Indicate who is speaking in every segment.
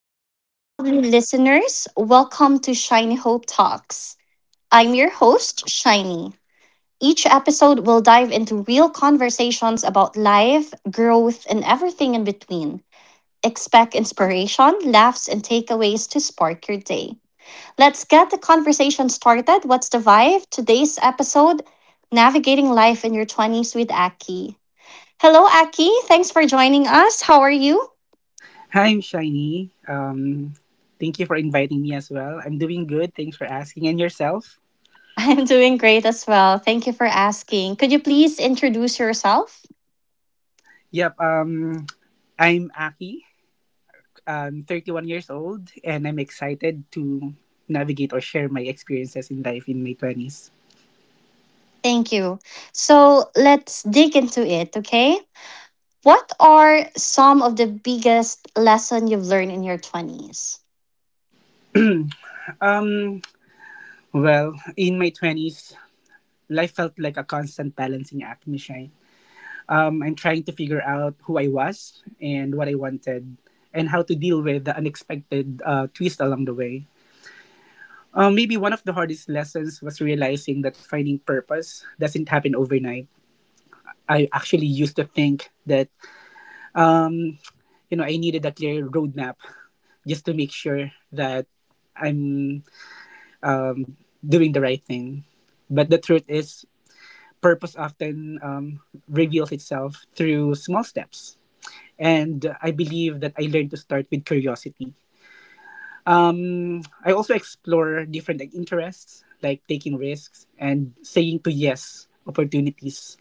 Speaker 1: What's up, lovely listeners? Welcome to Shiny Hope Talks. I'm your host, Shiny. Each episode will dive into real conversations about life, growth, and everything in between. Expect inspiration, laughs, and takeaways to spark your day. Let's get the conversation started. What's the vibe? Today's episode: Navigating Life in Your 20s with Aki. Hello, Aki. Thanks for joining us. How are you?
Speaker 2: Hi, I'm Shiny. Thank you for inviting me as well. I'm doing good. Thanks for asking. And yourself?
Speaker 1: I'm doing great as well. Thank you for asking. Could you please introduce yourself?
Speaker 2: Yep. I'm Aki. I'm 31 years old, and I'm excited to navigate or share my experiences in life in my 20s.
Speaker 1: Thank you. So let's dig into it, okay? What are some of the biggest lesson you've learned in your 20s?
Speaker 2: Um, well, in my 20s, life felt like a constant balancing act, Miss Shine. I'm trying to figure out who I was and what I wanted, and how to deal with the unexpected twist along the way. Maybe one of the hardest lessons was realizing that finding purpose doesn't happen overnight. I actually used to think that mm, I needed a clear roadmap just to make sure that I'm doing the right thing. But the truth is, purpose often reveals itself through small steps. And I believe that I learned to start with curiosity. I also explore different, like, interests, like taking risks and saying to yes opportunities,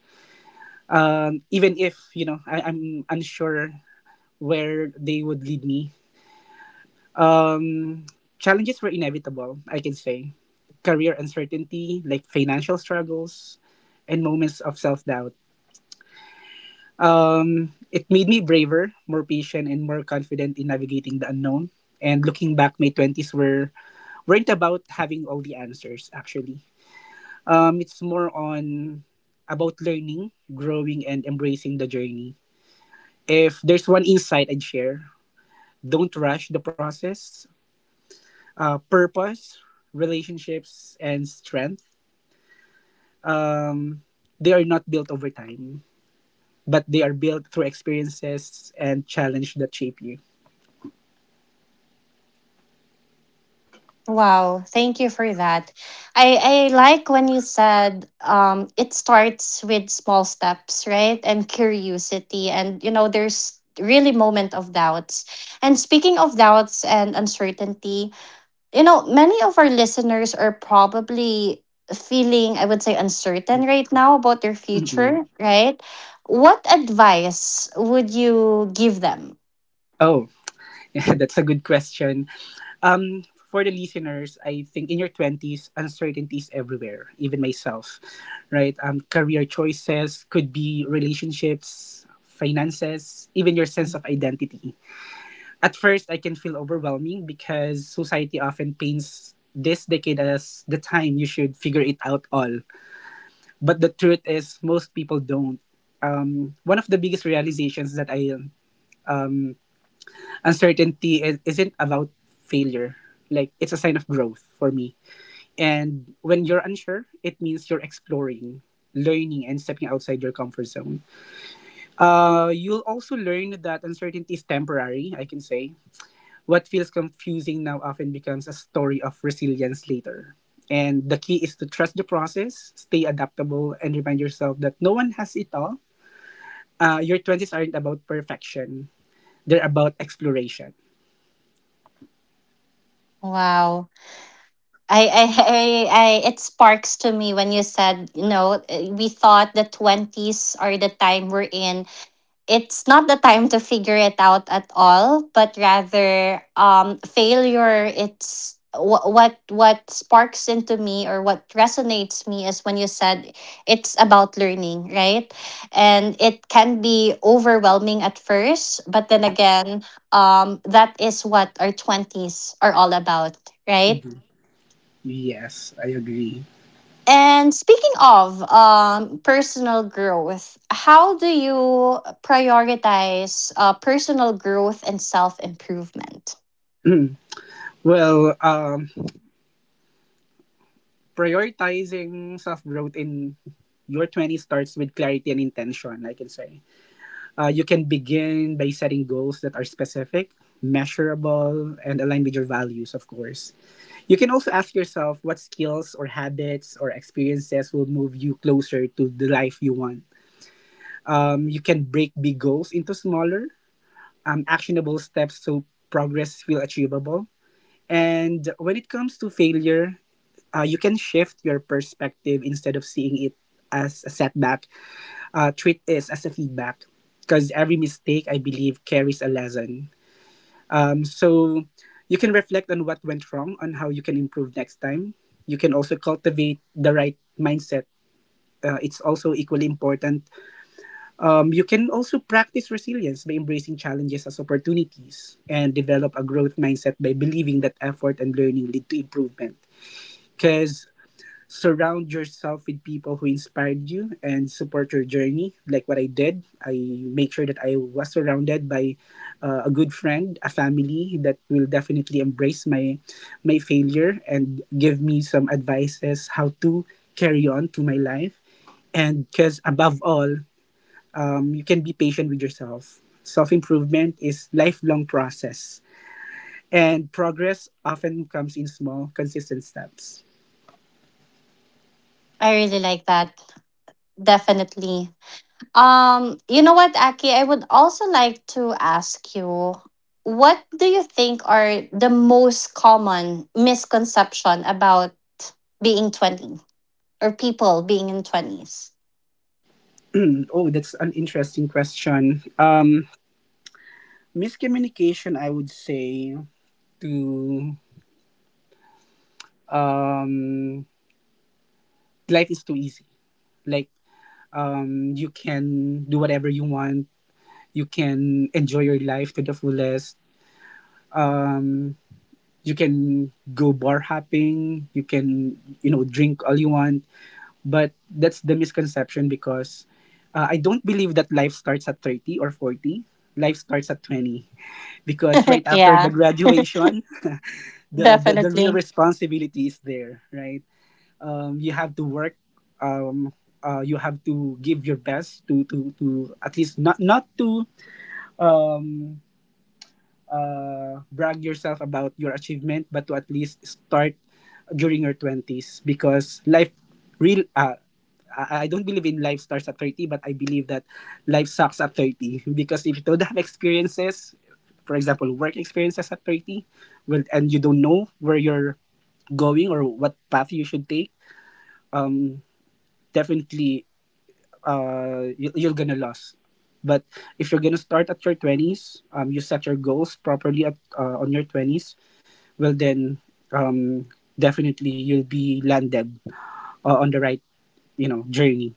Speaker 2: even if I'm unsure where they would lead me. Challenges were inevitable, I can say. Career uncertainty, like financial struggles, and moments of self doubt. It made me braver, more patient, and more confident in navigating the unknown. And looking back, my 20s weren't about having all the answers actually. It's more on about learning, growing, and embracing the journey. If there's one insight I'd share: Don't rush the process. Purpose, relationships, and strength, they are not built over time, but they are built through experiences and challenge that shape you.
Speaker 1: Wow, thank you for that. I like when you said it starts with small steps, right? And curiosity. And, you know, there's really moment of doubts. And speaking of doubts and uncertainty, you know, many of our listeners are probably feeling, I would say, uncertain right now about their
Speaker 2: Mhm.
Speaker 1: future, right? What advice would you give them?
Speaker 2: Oh, yeah, that's a good question. For the listeners, I think in your 20s, uncertainty is everywhere, even myself, right? Career choices could be relationships, finances, even your sense of identity. At first, I can feel overwhelming because society often paints this decade as the time you should figure it out all. But the truth is, most people don't. One of the biggest realizations that I uncertainty is, isn't about failure. Like, it's a sign of growth for me. And when you're unsure, it means you're exploring, learning, and stepping outside your comfort zone. You'll also learn that uncertainty is temporary, I can say. What feels confusing now often becomes a story of resilience later. And the key is to trust the process, stay adaptable, and remind yourself that no one has it all. Your 20s aren't about perfection, they're about exploration.
Speaker 1: Wow. I, I, I, it sparks to me when you said, you know, we thought the 20s are the time we're in. It's not the time to figure it out at all, but rather failure. It's what sparks into me or what resonates me is when you said it's about learning, right? And it can be overwhelming at first, but then again, that is what our 20s are all about, right?
Speaker 2: Mhm. Yes, I agree.
Speaker 1: And speaking of personal growth, how do you prioritize personal growth and self improvement?
Speaker 2: Well, prioritizing self growth in your 20s starts with clarity and intention, I can say. You can begin by setting goals that are specific, measurable, and aligned with your values, of course. You can also ask yourself what skills or habits or experiences will move you closer to the life you want. You can break big goals into smaller, actionable steps so progress feel achievable. And when it comes to failure, you can shift your perspective instead of seeing it as a setback. Treat this as a feedback, because every mistake, I believe, carries a lesson. So you can reflect on what went wrong, on how you can improve next time. You can also cultivate the right mindset. It's also equally important. You can also practice resilience by embracing challenges as opportunities and develop a growth mindset by believing that effort and learning lead to improvement, because surround yourself with people who inspired you and support your journey. Like what I did, I make sure that I was surrounded by a good friend, a family that will definitely embrace my failure and give me some advices how to carry on to my life. And because above all, you can be patient with yourself. Self-improvement is lifelong process, and progress often comes in small consistent steps.
Speaker 1: I really like that. Definitely. You know what, Aki, I would also like to ask you, what do you think are the most common misconception about being 20 or people being in 20s?
Speaker 2: Oh, that's an interesting question. Miscommunication, I would say, to um, life is too easy. Like, you can do whatever you want. You can enjoy your life to the fullest. Um, you can go bar hopping. You can, drink all you want. But that's the misconception because I don't believe that life starts at 30 or 40. Life starts at 20, because right after
Speaker 1: Yeah,
Speaker 2: the graduation the real
Speaker 1: definitely.
Speaker 2: responsibility is there, right? You have to work. um you have to give your best to at least not to brag yourself about your achievement, but to at least start during your 20s, because life real. I don't believe in life starts at 30, but I believe that life sucks at 30 because if you don't have experiences, for example, work experiences at 30, well, and you don't know where you're going or what path you should take, um, definitely you're gonna lose. But if you're gonna start at your twenties, you set your goals properly at on your twenties. Well, then um, definitely you'll be landed on the right, journey.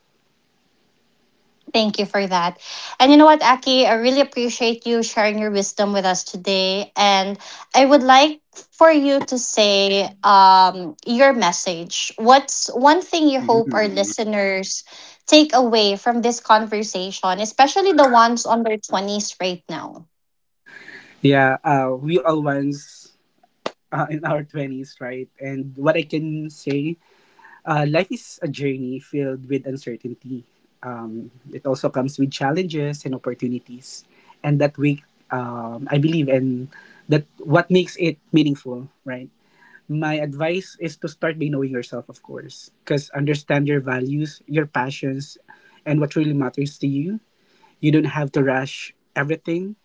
Speaker 1: Thank you for that. And you know what, Aki, I really appreciate you sharing your wisdom with us today. And I would like for you to say your message. What's one thing you hope our listeners take away from this conversation, especially the ones on their 20s right now?
Speaker 2: Yeah, we all once in our twenties, right? And what I can say. Life is a journey filled with uncertainty. It also comes with challenges and opportunities, and that we, I believe, and that what makes it meaningful, right? My advice is to start by knowing yourself, of course, because understand your values, your passions, and what really matters to you. You don't have to rush everything.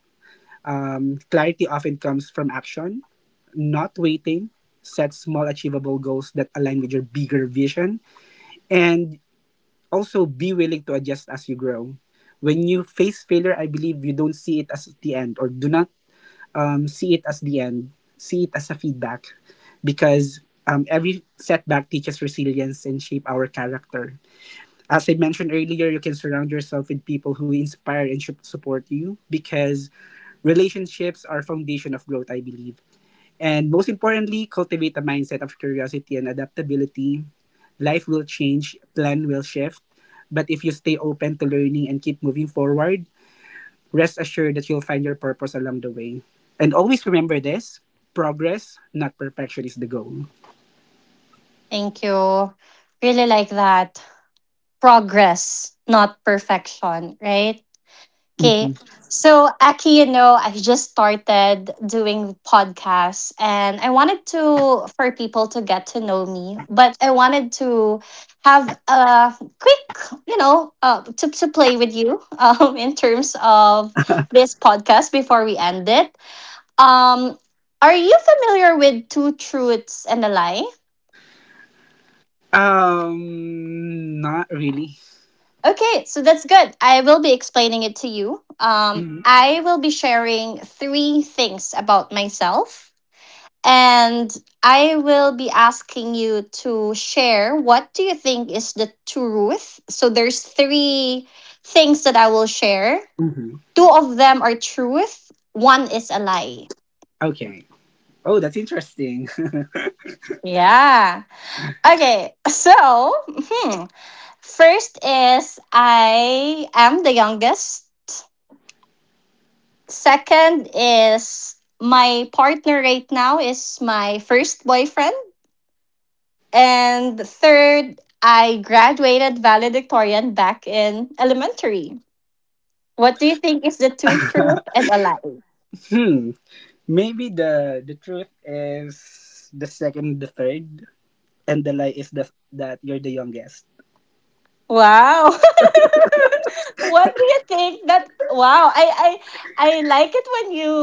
Speaker 2: Clarity often comes from action, not waiting. Set small, achievable goals that align with your bigger vision, and also be willing to adjust as you grow. When you face failure, I believe you don't see it as the end, or do not see it as the end. See it as a feedback, because every setback teaches resilience and shape our character. As I mentioned earlier, you can surround yourself with people who inspire and should support you, because relationships are foundation of growth, I believe. And most importantly, cultivate a mindset of curiosity and adaptability. Life will change, plan will shift. But if you stay open to learning and keep moving forward, rest assured that you'll find your purpose along the way. And always remember this: progress, not perfection, is the goal.
Speaker 1: Thank you. Really like that. Progress, not perfection, right? Okay.
Speaker 2: Mhm.
Speaker 1: So, Aki, you know, I just started doing podcasts and I wanted to, for people to get to know me, but I wanted to have a quick, you know, to play with you in terms of this podcast before we end it. Um, are you familiar with Two Truths and a Lie?
Speaker 2: Not really.
Speaker 1: Okay, so that's good. I will be explaining it to you.
Speaker 2: Mhm.
Speaker 1: I will be sharing three things about myself. And I will be asking you to share, what do you think is the truth? So there's three things that I will share.
Speaker 2: Mhm.
Speaker 1: Two of them are truth, one is a lie.
Speaker 2: Okay. Oh, that's interesting.
Speaker 1: Yeah. Okay. So, hmm, first is I am the youngest. Second is my partner right now is my first boyfriend. And third, I graduated valedictorian back in elementary. What do you think is the two truth and a lie?
Speaker 2: Hmm, maybe the truth is the second and the third. And the lie is that you're the youngest.
Speaker 1: Wow. What do you think that? Wow, I like it when you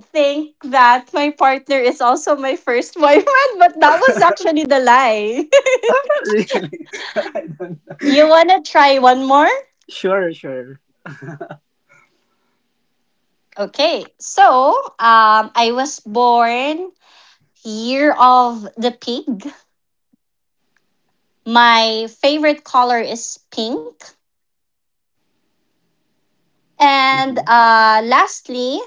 Speaker 1: think that my partner is also my first boyfriend, but that was actually the lie.
Speaker 2: Ah, really? I don't know.
Speaker 1: You want to try one more?
Speaker 2: Sure, sure.
Speaker 1: Okay. So, I was born year of the pig. My favorite color is pink. And
Speaker 2: Mhm.
Speaker 1: lastly,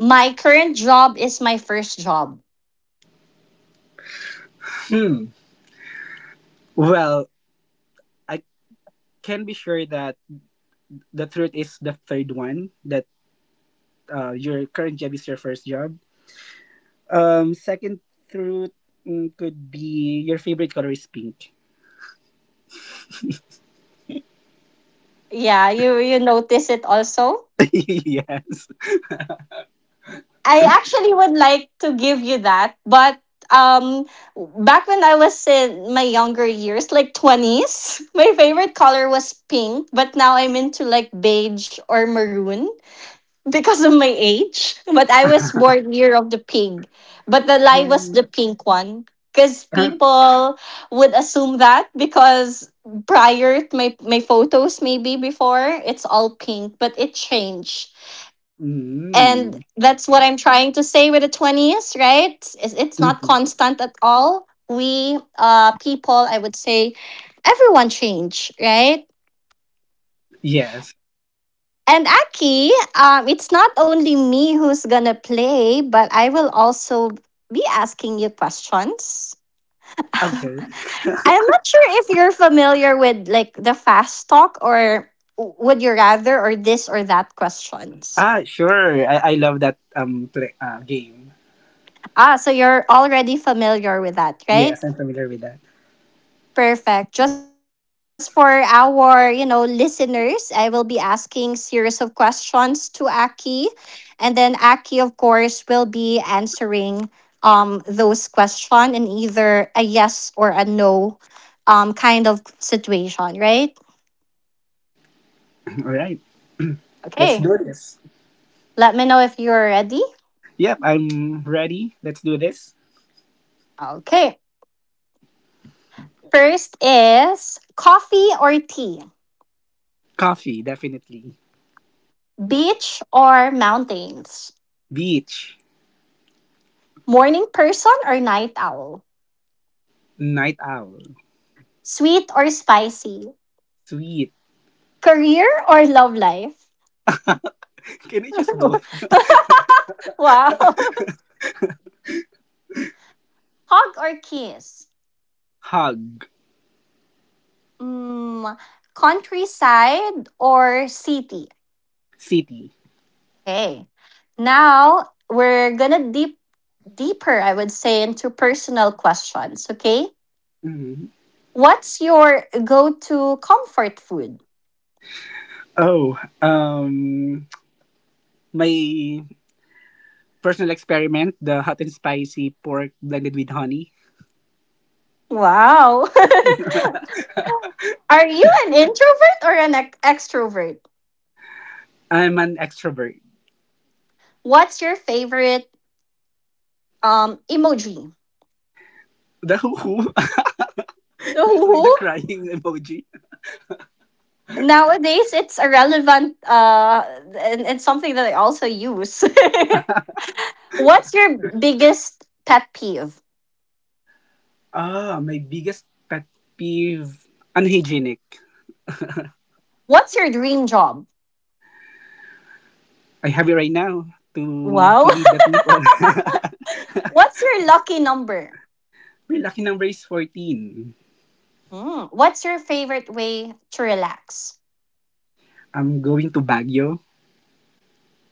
Speaker 1: my current job is my first job.
Speaker 2: Hmm. Well, I can be sure that the truth is the third one, that your current job is your first job. Second truth, could be your favorite color is pink.
Speaker 1: Yeah, you notice it also.
Speaker 2: Yes.
Speaker 1: I actually would like to give you that, but um back when I was in my younger years, like 20s, my favorite color was pink, but now I'm into like beige or maroon. Because of my age, but I was born year of the pig. But the lie was the
Speaker 2: Um,
Speaker 1: pink one because
Speaker 2: huh?
Speaker 1: people would assume that because prior to my photos maybe before it's all pink, but it changed. And
Speaker 2: Mm.
Speaker 1: that's what I'm trying to say with the 20s, right? It's not
Speaker 2: Mhm.
Speaker 1: constant at all. We people, I would say, everyone change, right?
Speaker 2: Yes.
Speaker 1: And Aki, it's not only me who's gonna play, but I will also be asking you questions. I'm
Speaker 2: Okay.
Speaker 1: not sure if you're familiar with like the fast talk or would you rather or this or that questions.
Speaker 2: Ah, sure. I love that game.
Speaker 1: Ah, so you're already familiar with that,
Speaker 2: Yes,
Speaker 1: right?
Speaker 2: I'm familiar with that.
Speaker 1: Perfect. Just for our, you know, listeners, I will be asking series of questions to Aki, and then Aki, of course, will be answering those question in either a yes or a no kind of situation, right?
Speaker 2: All right. Let's
Speaker 1: Okay.
Speaker 2: do this.
Speaker 1: Let me know if you're ready.
Speaker 2: Yep, I'm ready. Let's do this.
Speaker 1: Okay. First is coffee or tea,
Speaker 2: Coffee, definitely.
Speaker 1: beach or mountains,
Speaker 2: Beach.
Speaker 1: morning person or night owl,
Speaker 2: Night owl.
Speaker 1: sweet or spicy.
Speaker 2: Sweet.
Speaker 1: Career or love life?
Speaker 2: Can I choose both?
Speaker 1: Wow. Hug or kiss?
Speaker 2: Hug.
Speaker 1: Mm, countryside or city?
Speaker 2: City.
Speaker 1: Okay. Now we're gonna deeper, I would say, into personal questions. Okay.
Speaker 2: Mhm.
Speaker 1: What's your go-to comfort food?
Speaker 2: Oh, my personal experiment, the hot and spicy pork blended with honey.
Speaker 1: Wow. Are you an introvert or an extrovert?
Speaker 2: I'm an extrovert.
Speaker 1: What's your favorite emoji?
Speaker 2: The hoo hoo.
Speaker 1: The
Speaker 2: It's like the
Speaker 1: who?
Speaker 2: crying emoji.
Speaker 1: Nowadays it's a relevant and something that I also use. What's your biggest pet peeve?
Speaker 2: Ah, my biggest pet peeve. Unhygienic.
Speaker 1: What's your dream job?
Speaker 2: I have it right now, to
Speaker 1: Wow.
Speaker 2: to lead the people.
Speaker 1: What's your lucky number?
Speaker 2: We're lucky number is 14.
Speaker 1: Hmm. What's your favorite way to relax?
Speaker 2: I'm going to Baguio.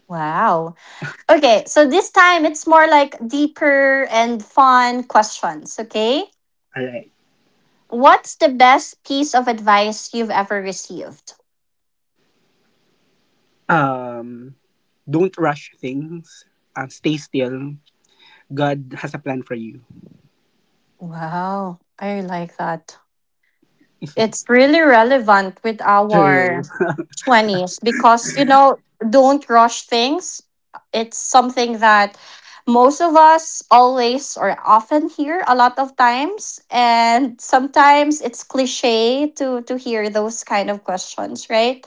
Speaker 1: Wow. Okay, so this time it's more like deeper and fun questions, okay?
Speaker 2: Alright.
Speaker 1: What's the best piece of advice you've ever received?
Speaker 2: Um, don't rush things. Stay still. God has a plan for you.
Speaker 1: Wow, I like that. It's really relevant with our
Speaker 2: True.
Speaker 1: 20s because, you know, don't rush things. It's something that most of us always or often hear a lot of times. And sometimes it's cliche to hear those kind of questions, right?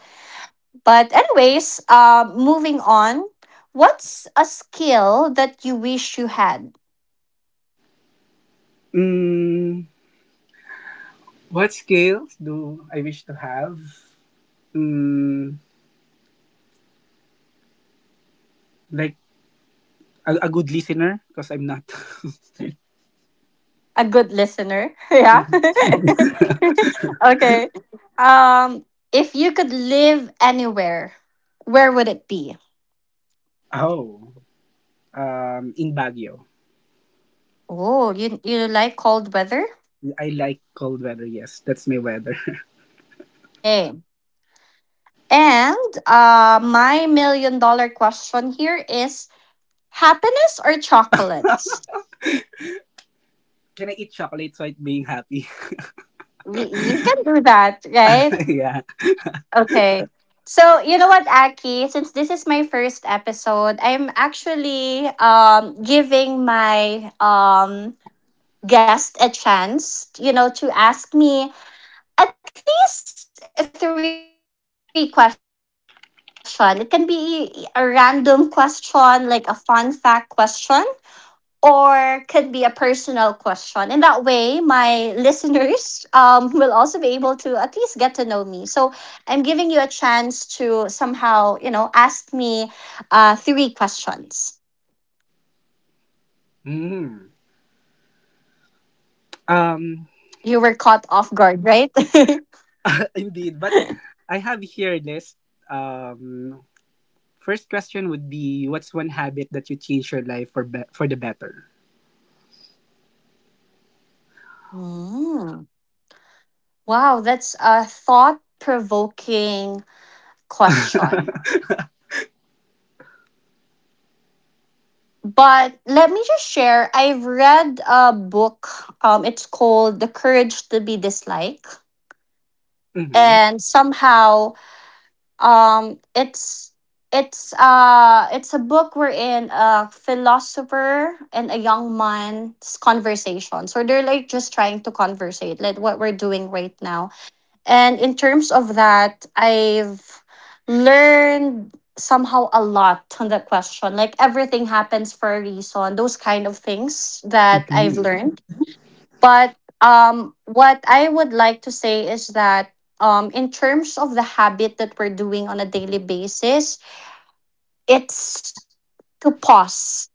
Speaker 1: But, anyways, moving on, what's a skill that you wish you had?
Speaker 2: Mm, what skills do I wish to have? Mm, like a good listener, because I'm not.
Speaker 1: A good listener. Yeah.
Speaker 2: Mhm.
Speaker 1: Okay. Um, if you could live anywhere, where would it be?
Speaker 2: Oh, in Baguio.
Speaker 1: Oh, you like cold weather?
Speaker 2: I like cold weather, yes. That's my weather.
Speaker 1: Okay. And my million dollar question here is, happiness or chocolates?
Speaker 2: Can I eat chocolate so I'm being happy?
Speaker 1: We can do that, right?
Speaker 2: Yeah.
Speaker 1: Okay. So you know what, Aki? Since this is my first episode, I'm actually giving my guest a chance, you know, to ask me at least three questions. It can be a random question, like a fun fact question, or could be a personal question. In that way, my listeners will also be able to at least get to know me. So I'm giving you a chance to somehow, you know, ask me three questions.
Speaker 2: Mm. Um,
Speaker 1: You were caught off guard, right?
Speaker 2: Indeed. But I have here a list. Um, First question would be: what's one habit that you changed your life for the better?
Speaker 1: Mm. Wow, that's a thought provoking question. But let me just share. I've read a book. It's called The Courage to Be Disliked,
Speaker 2: Mm-hmm.
Speaker 1: and somehow, um, it's it's a book wherein a philosopher and a young man's conversation. So they're like just trying to conversate, like what we're doing right now. And in terms of that, I've learned somehow a lot on that question. Like everything happens for a reason, those kind of things that I've
Speaker 2: Mm-hmm.
Speaker 1: learned. But what I would like to say is that in terms of the habit that we're doing on a daily basis, it's to pause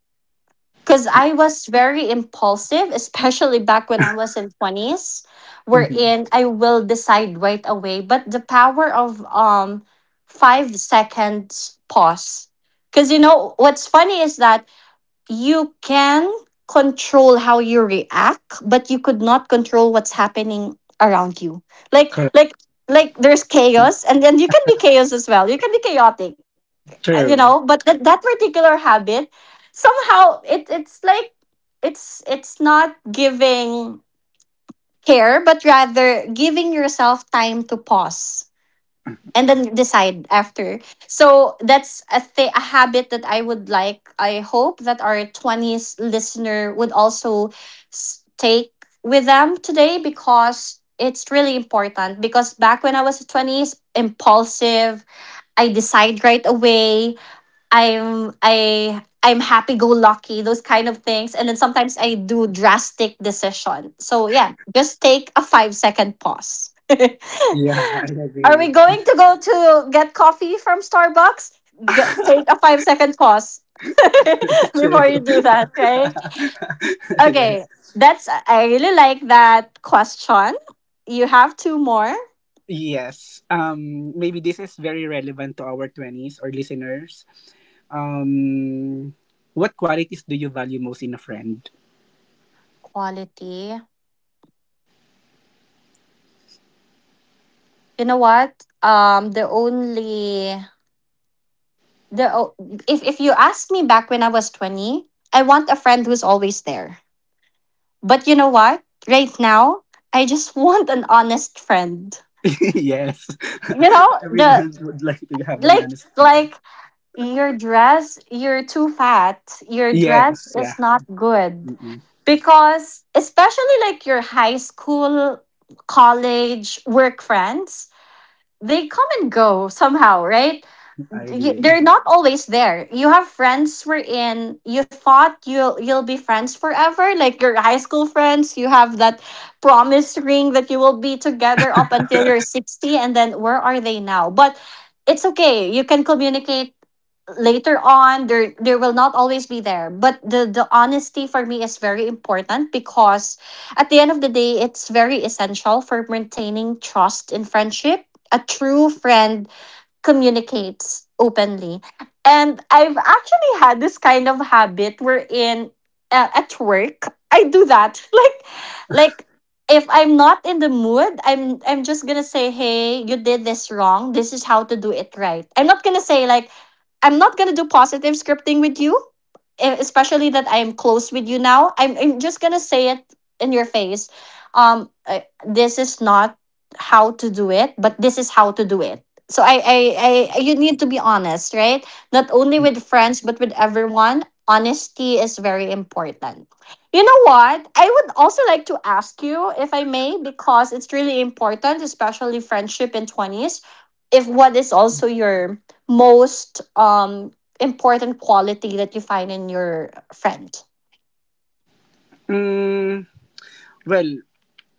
Speaker 1: because I was very impulsive, especially back when I was in twenties,
Speaker 2: Mm-hmm.
Speaker 1: wherein I will decide right away. But the power of 5 seconds pause, because you know what's funny is that you can control how you react, but you could not control what's happening around you, like
Speaker 2: Correct.
Speaker 1: like like there's chaos, and then you can be chaos as well, you can be chaotic, you know, but
Speaker 2: True.
Speaker 1: that particular habit somehow, it's like, it's not giving care, but rather giving yourself time to pause and then decide after. So that's a habit that I would like. I hope that our 20s listener would also take with them today because it's really important, because back when I was 20s impulsive, I decide right away. I'm happy go lucky, those kind of things. And then sometimes I do drastic decision. So yeah, just take a 5-second pause.
Speaker 2: Yeah, I
Speaker 1: Are we
Speaker 2: agree.
Speaker 1: going to go to get coffee from Starbucks? Get Take a 5-second pause before you
Speaker 2: True.
Speaker 1: do that, right? Okay.
Speaker 2: Yes.
Speaker 1: That's I really like that question. You have two more.
Speaker 2: Yes. Maybe this is very relevant to our twenties or listeners. Um, what qualities do you value most in a friend?
Speaker 1: Quality. You know what? The only the Oh, if you ask me back when I was 20, I want a friend who's always there. But you know what? Right now, I just want an honest friend.
Speaker 2: Yes,
Speaker 1: You know, the
Speaker 2: everyone would like to have an
Speaker 1: like
Speaker 2: honest friend.
Speaker 1: like your dress, you're too fat. Your
Speaker 2: Yeah,
Speaker 1: dress
Speaker 2: yeah.
Speaker 1: is not good,
Speaker 2: Mm-mm,
Speaker 1: because especially like your high school, college, work friends, they come and go somehow, right?
Speaker 2: I agree.
Speaker 1: They're not always there. You have friends wherein you thought you'll be friends forever, like your high school friends. You have that promise ring that you will be together up until you're 60, and then where are they now? But it's okay. You can communicate later on. There will not always be there, but the honesty for me is very important because at the end of the day, it's very essential for maintaining trust in friendship. A true friend communicates openly. And I've actually had this kind of habit wherein at work I do that. Like if I'm not in the mood, I'm just gonna say, hey, you did this wrong. This is how to do it right. I'm not gonna say like I'm not gonna do positive scripting with you, especially that I am close with you now. I'm just gonna say it in your face. This is not how to do it, but this is how to do it, so I you need to be honest, right? Not only with
Speaker 2: Mm-mm.
Speaker 1: friends but with everyone, honesty is very important. You know what? I would also like to ask you, if I may, because it's really important, especially friendship in 20s, if what is also your most important quality that you find in your friend.
Speaker 2: Mm, well,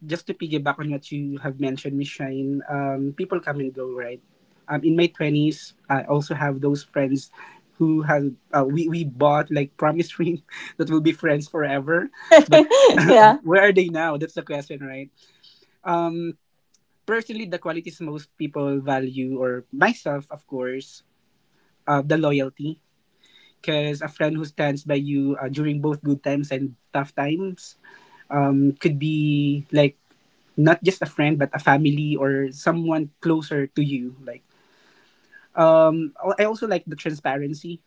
Speaker 2: just to piggyback on what you have mentioned, Miss Shine, people come and go, right? In my twenties, I also have those friends who have we bought like promise ring that will be friends forever, but.
Speaker 1: Yeah,
Speaker 2: Where are they now? That's the question, right? Personally, the qualities most people value, or myself, of course, the loyalty, because a friend who stands by you during both good times and tough times, could be like not just a friend but a family or someone closer to you, like. um I also like the transparency,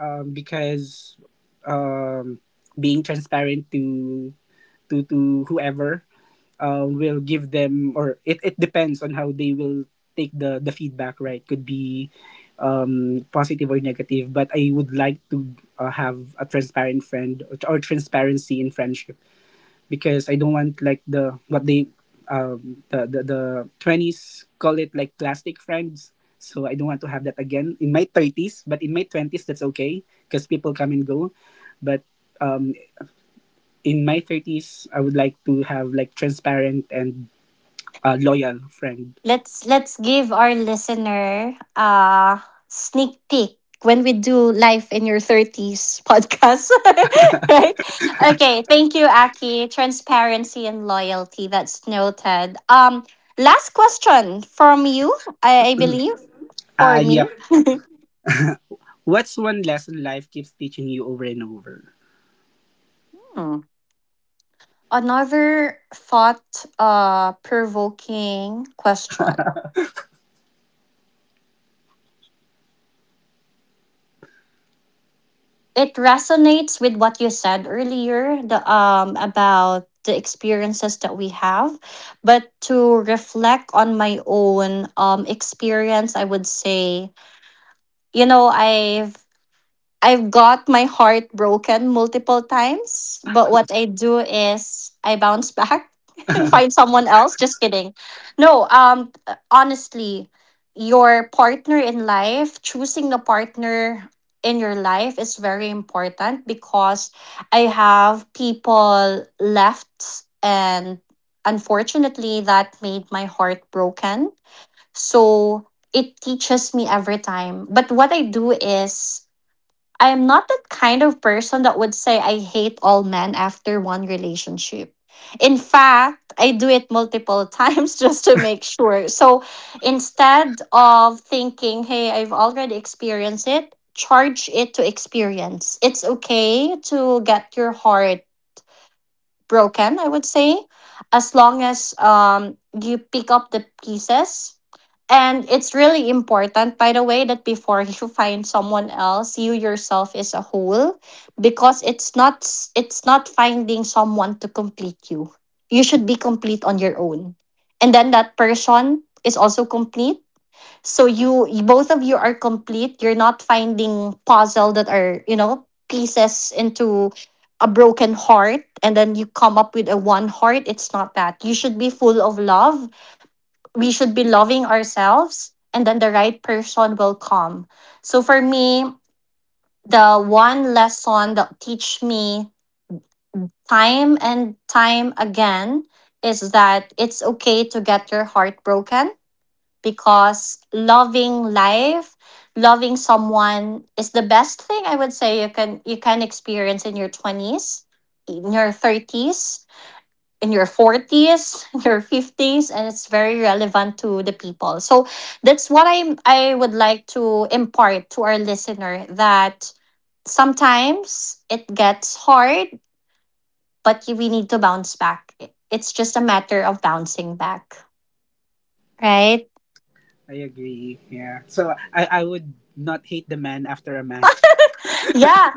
Speaker 2: because um, being transparent to to whoever will give them, or it depends on how they will take the feedback, right? Could be positive or negative, but I would like to have a transparent friend, or transparency in friendship, because I don't want like the what they the 20s call it, like, plastic friends. So I don't want to have that again in my 30s, but in my 20s that's okay, because people come and go. But um in my 30s I would like to have like transparent and loyal friend.
Speaker 1: let's give our listener a sneak peek when we do Life in Your 30s podcast. Right. Okay, thank you, Aki. Transparency and loyalty, that's noted. Last question from you. I believe for
Speaker 2: Ah,
Speaker 1: me.
Speaker 2: yep. What's one lesson life keeps teaching you over and over?
Speaker 1: Hmm. Another thought provoking question. It resonates with what you said earlier, the about the experiences that we have, but to reflect on my own experience, I would say, you know, I've got my heart broken multiple times, but what I do is I bounce back and find someone else. Just kidding. No, honestly, your partner in life, choosing the partner in your life is very important because I have people left and unfortunately that made my heart broken. So it teaches me every time. But what I do is I am not that kind of person that would say I hate all men after one relationship. In fact, I do it multiple times just to make sure. So instead of thinking, hey, I've already experienced it, charge it to experience. It's okay to get your heart broken, I would say, as long as you pick up the pieces. And it's really important, by the way, that before you find someone else, you yourself is a whole, because it's not s- it's not finding someone to complete you. You should be complete on your own, and then that person is also complete, so you both of you are complete. You're not finding puzzle that are, you know, pieces into a broken heart and then you come up with a one heart. It's not that. You should be full of love. We should be loving ourselves, and then the right person will come. So for me, the one lesson that teach me time and time again is that it's okay to get your heart broken, because loving life, loving someone, is the best thing, I would say, you can, you can experience in your 20s, in your 30s, in your 40s, in your 50s, and it's very relevant to the people. So that's what I would like to impart to our listener, that sometimes it gets hard, but we need to bounce back. It's just a matter of bouncing back, right?
Speaker 2: I agree. Yeah. So I would not hate the man after a man.
Speaker 1: Yeah.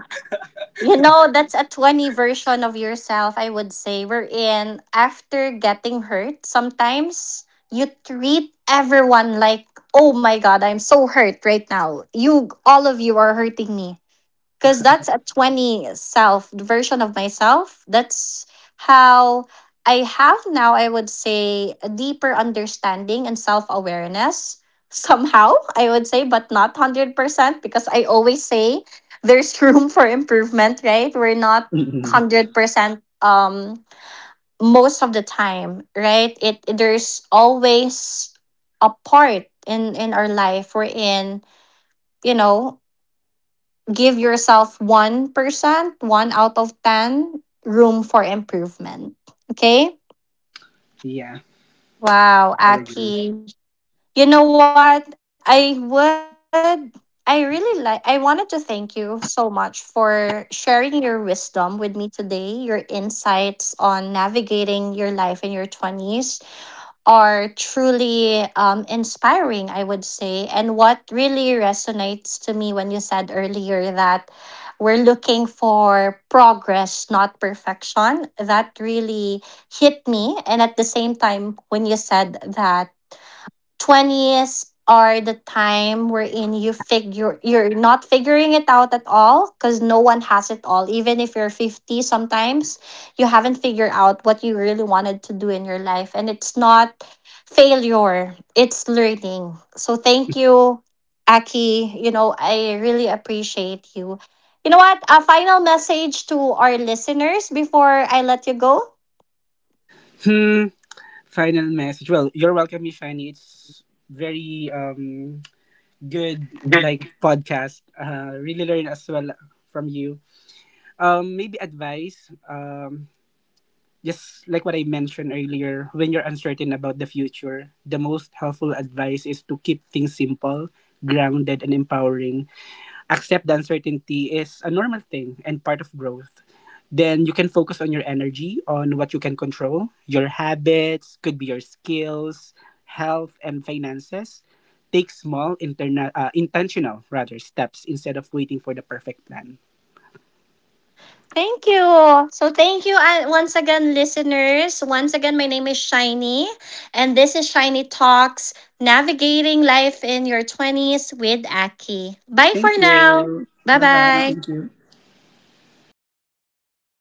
Speaker 1: You know, that's a 20 version of yourself, I would say, wherein after getting hurt, sometimes you treat everyone like, oh my God, I'm so hurt right now. You, all of you are hurting me, because that's a 20 self version of myself. That's how I have now, I would say, a deeper understanding and self-awareness. Somehow, I would say, but not 100%, because I always say there's room for improvement, right? We're not 100%, most of the time, right? It, there's always a part in our life we're in, you know, give yourself 1%, 1 out of 10 room for improvement. Okay?
Speaker 2: Yeah,
Speaker 1: Wow,
Speaker 2: I agree.
Speaker 1: Aki. You know what? I would, I really like, I wanted to thank you so much for sharing your wisdom with me today. Your insights on navigating your life in your 20s are truly, inspiring, I would say. And what really resonates to me when you said earlier that we're looking for progress, not perfection, that really hit me. And at the same time, when you said that 20s are the time wherein you figure, you're not figuring it out at all, because no one has it all, even if you're 50, sometimes you haven't figured out what you really wanted to do in your life, and it's not failure, it's learning. So thank you, Aki, you know, I really appreciate you. You know what, a final message to our listeners before I let you go.
Speaker 2: Hmm. Final message. Well, you're welcome, Miss Shiny. It's very good, like, podcast. Really learn as well from you. Maybe advice. Just like what I mentioned earlier, when you're uncertain about the future, the most helpful advice is to keep things simple, grounded, and empowering. Accept the uncertainty is a normal thing and part of growth. Then you can focus on your energy, on what you can control, your habits, could be your skills, health, and finances. Take small, intentional rather steps instead of waiting for the perfect plan.
Speaker 1: Thank you. So thank you, once again, listeners. Once again, my name is Shiny, and this is Shiny Talks, Navigating Life in Your Twenties with Aki. Bye for
Speaker 2: Thank
Speaker 1: now.
Speaker 2: you.
Speaker 1: Bye
Speaker 2: Bye bye.
Speaker 1: bye.
Speaker 2: Thank you.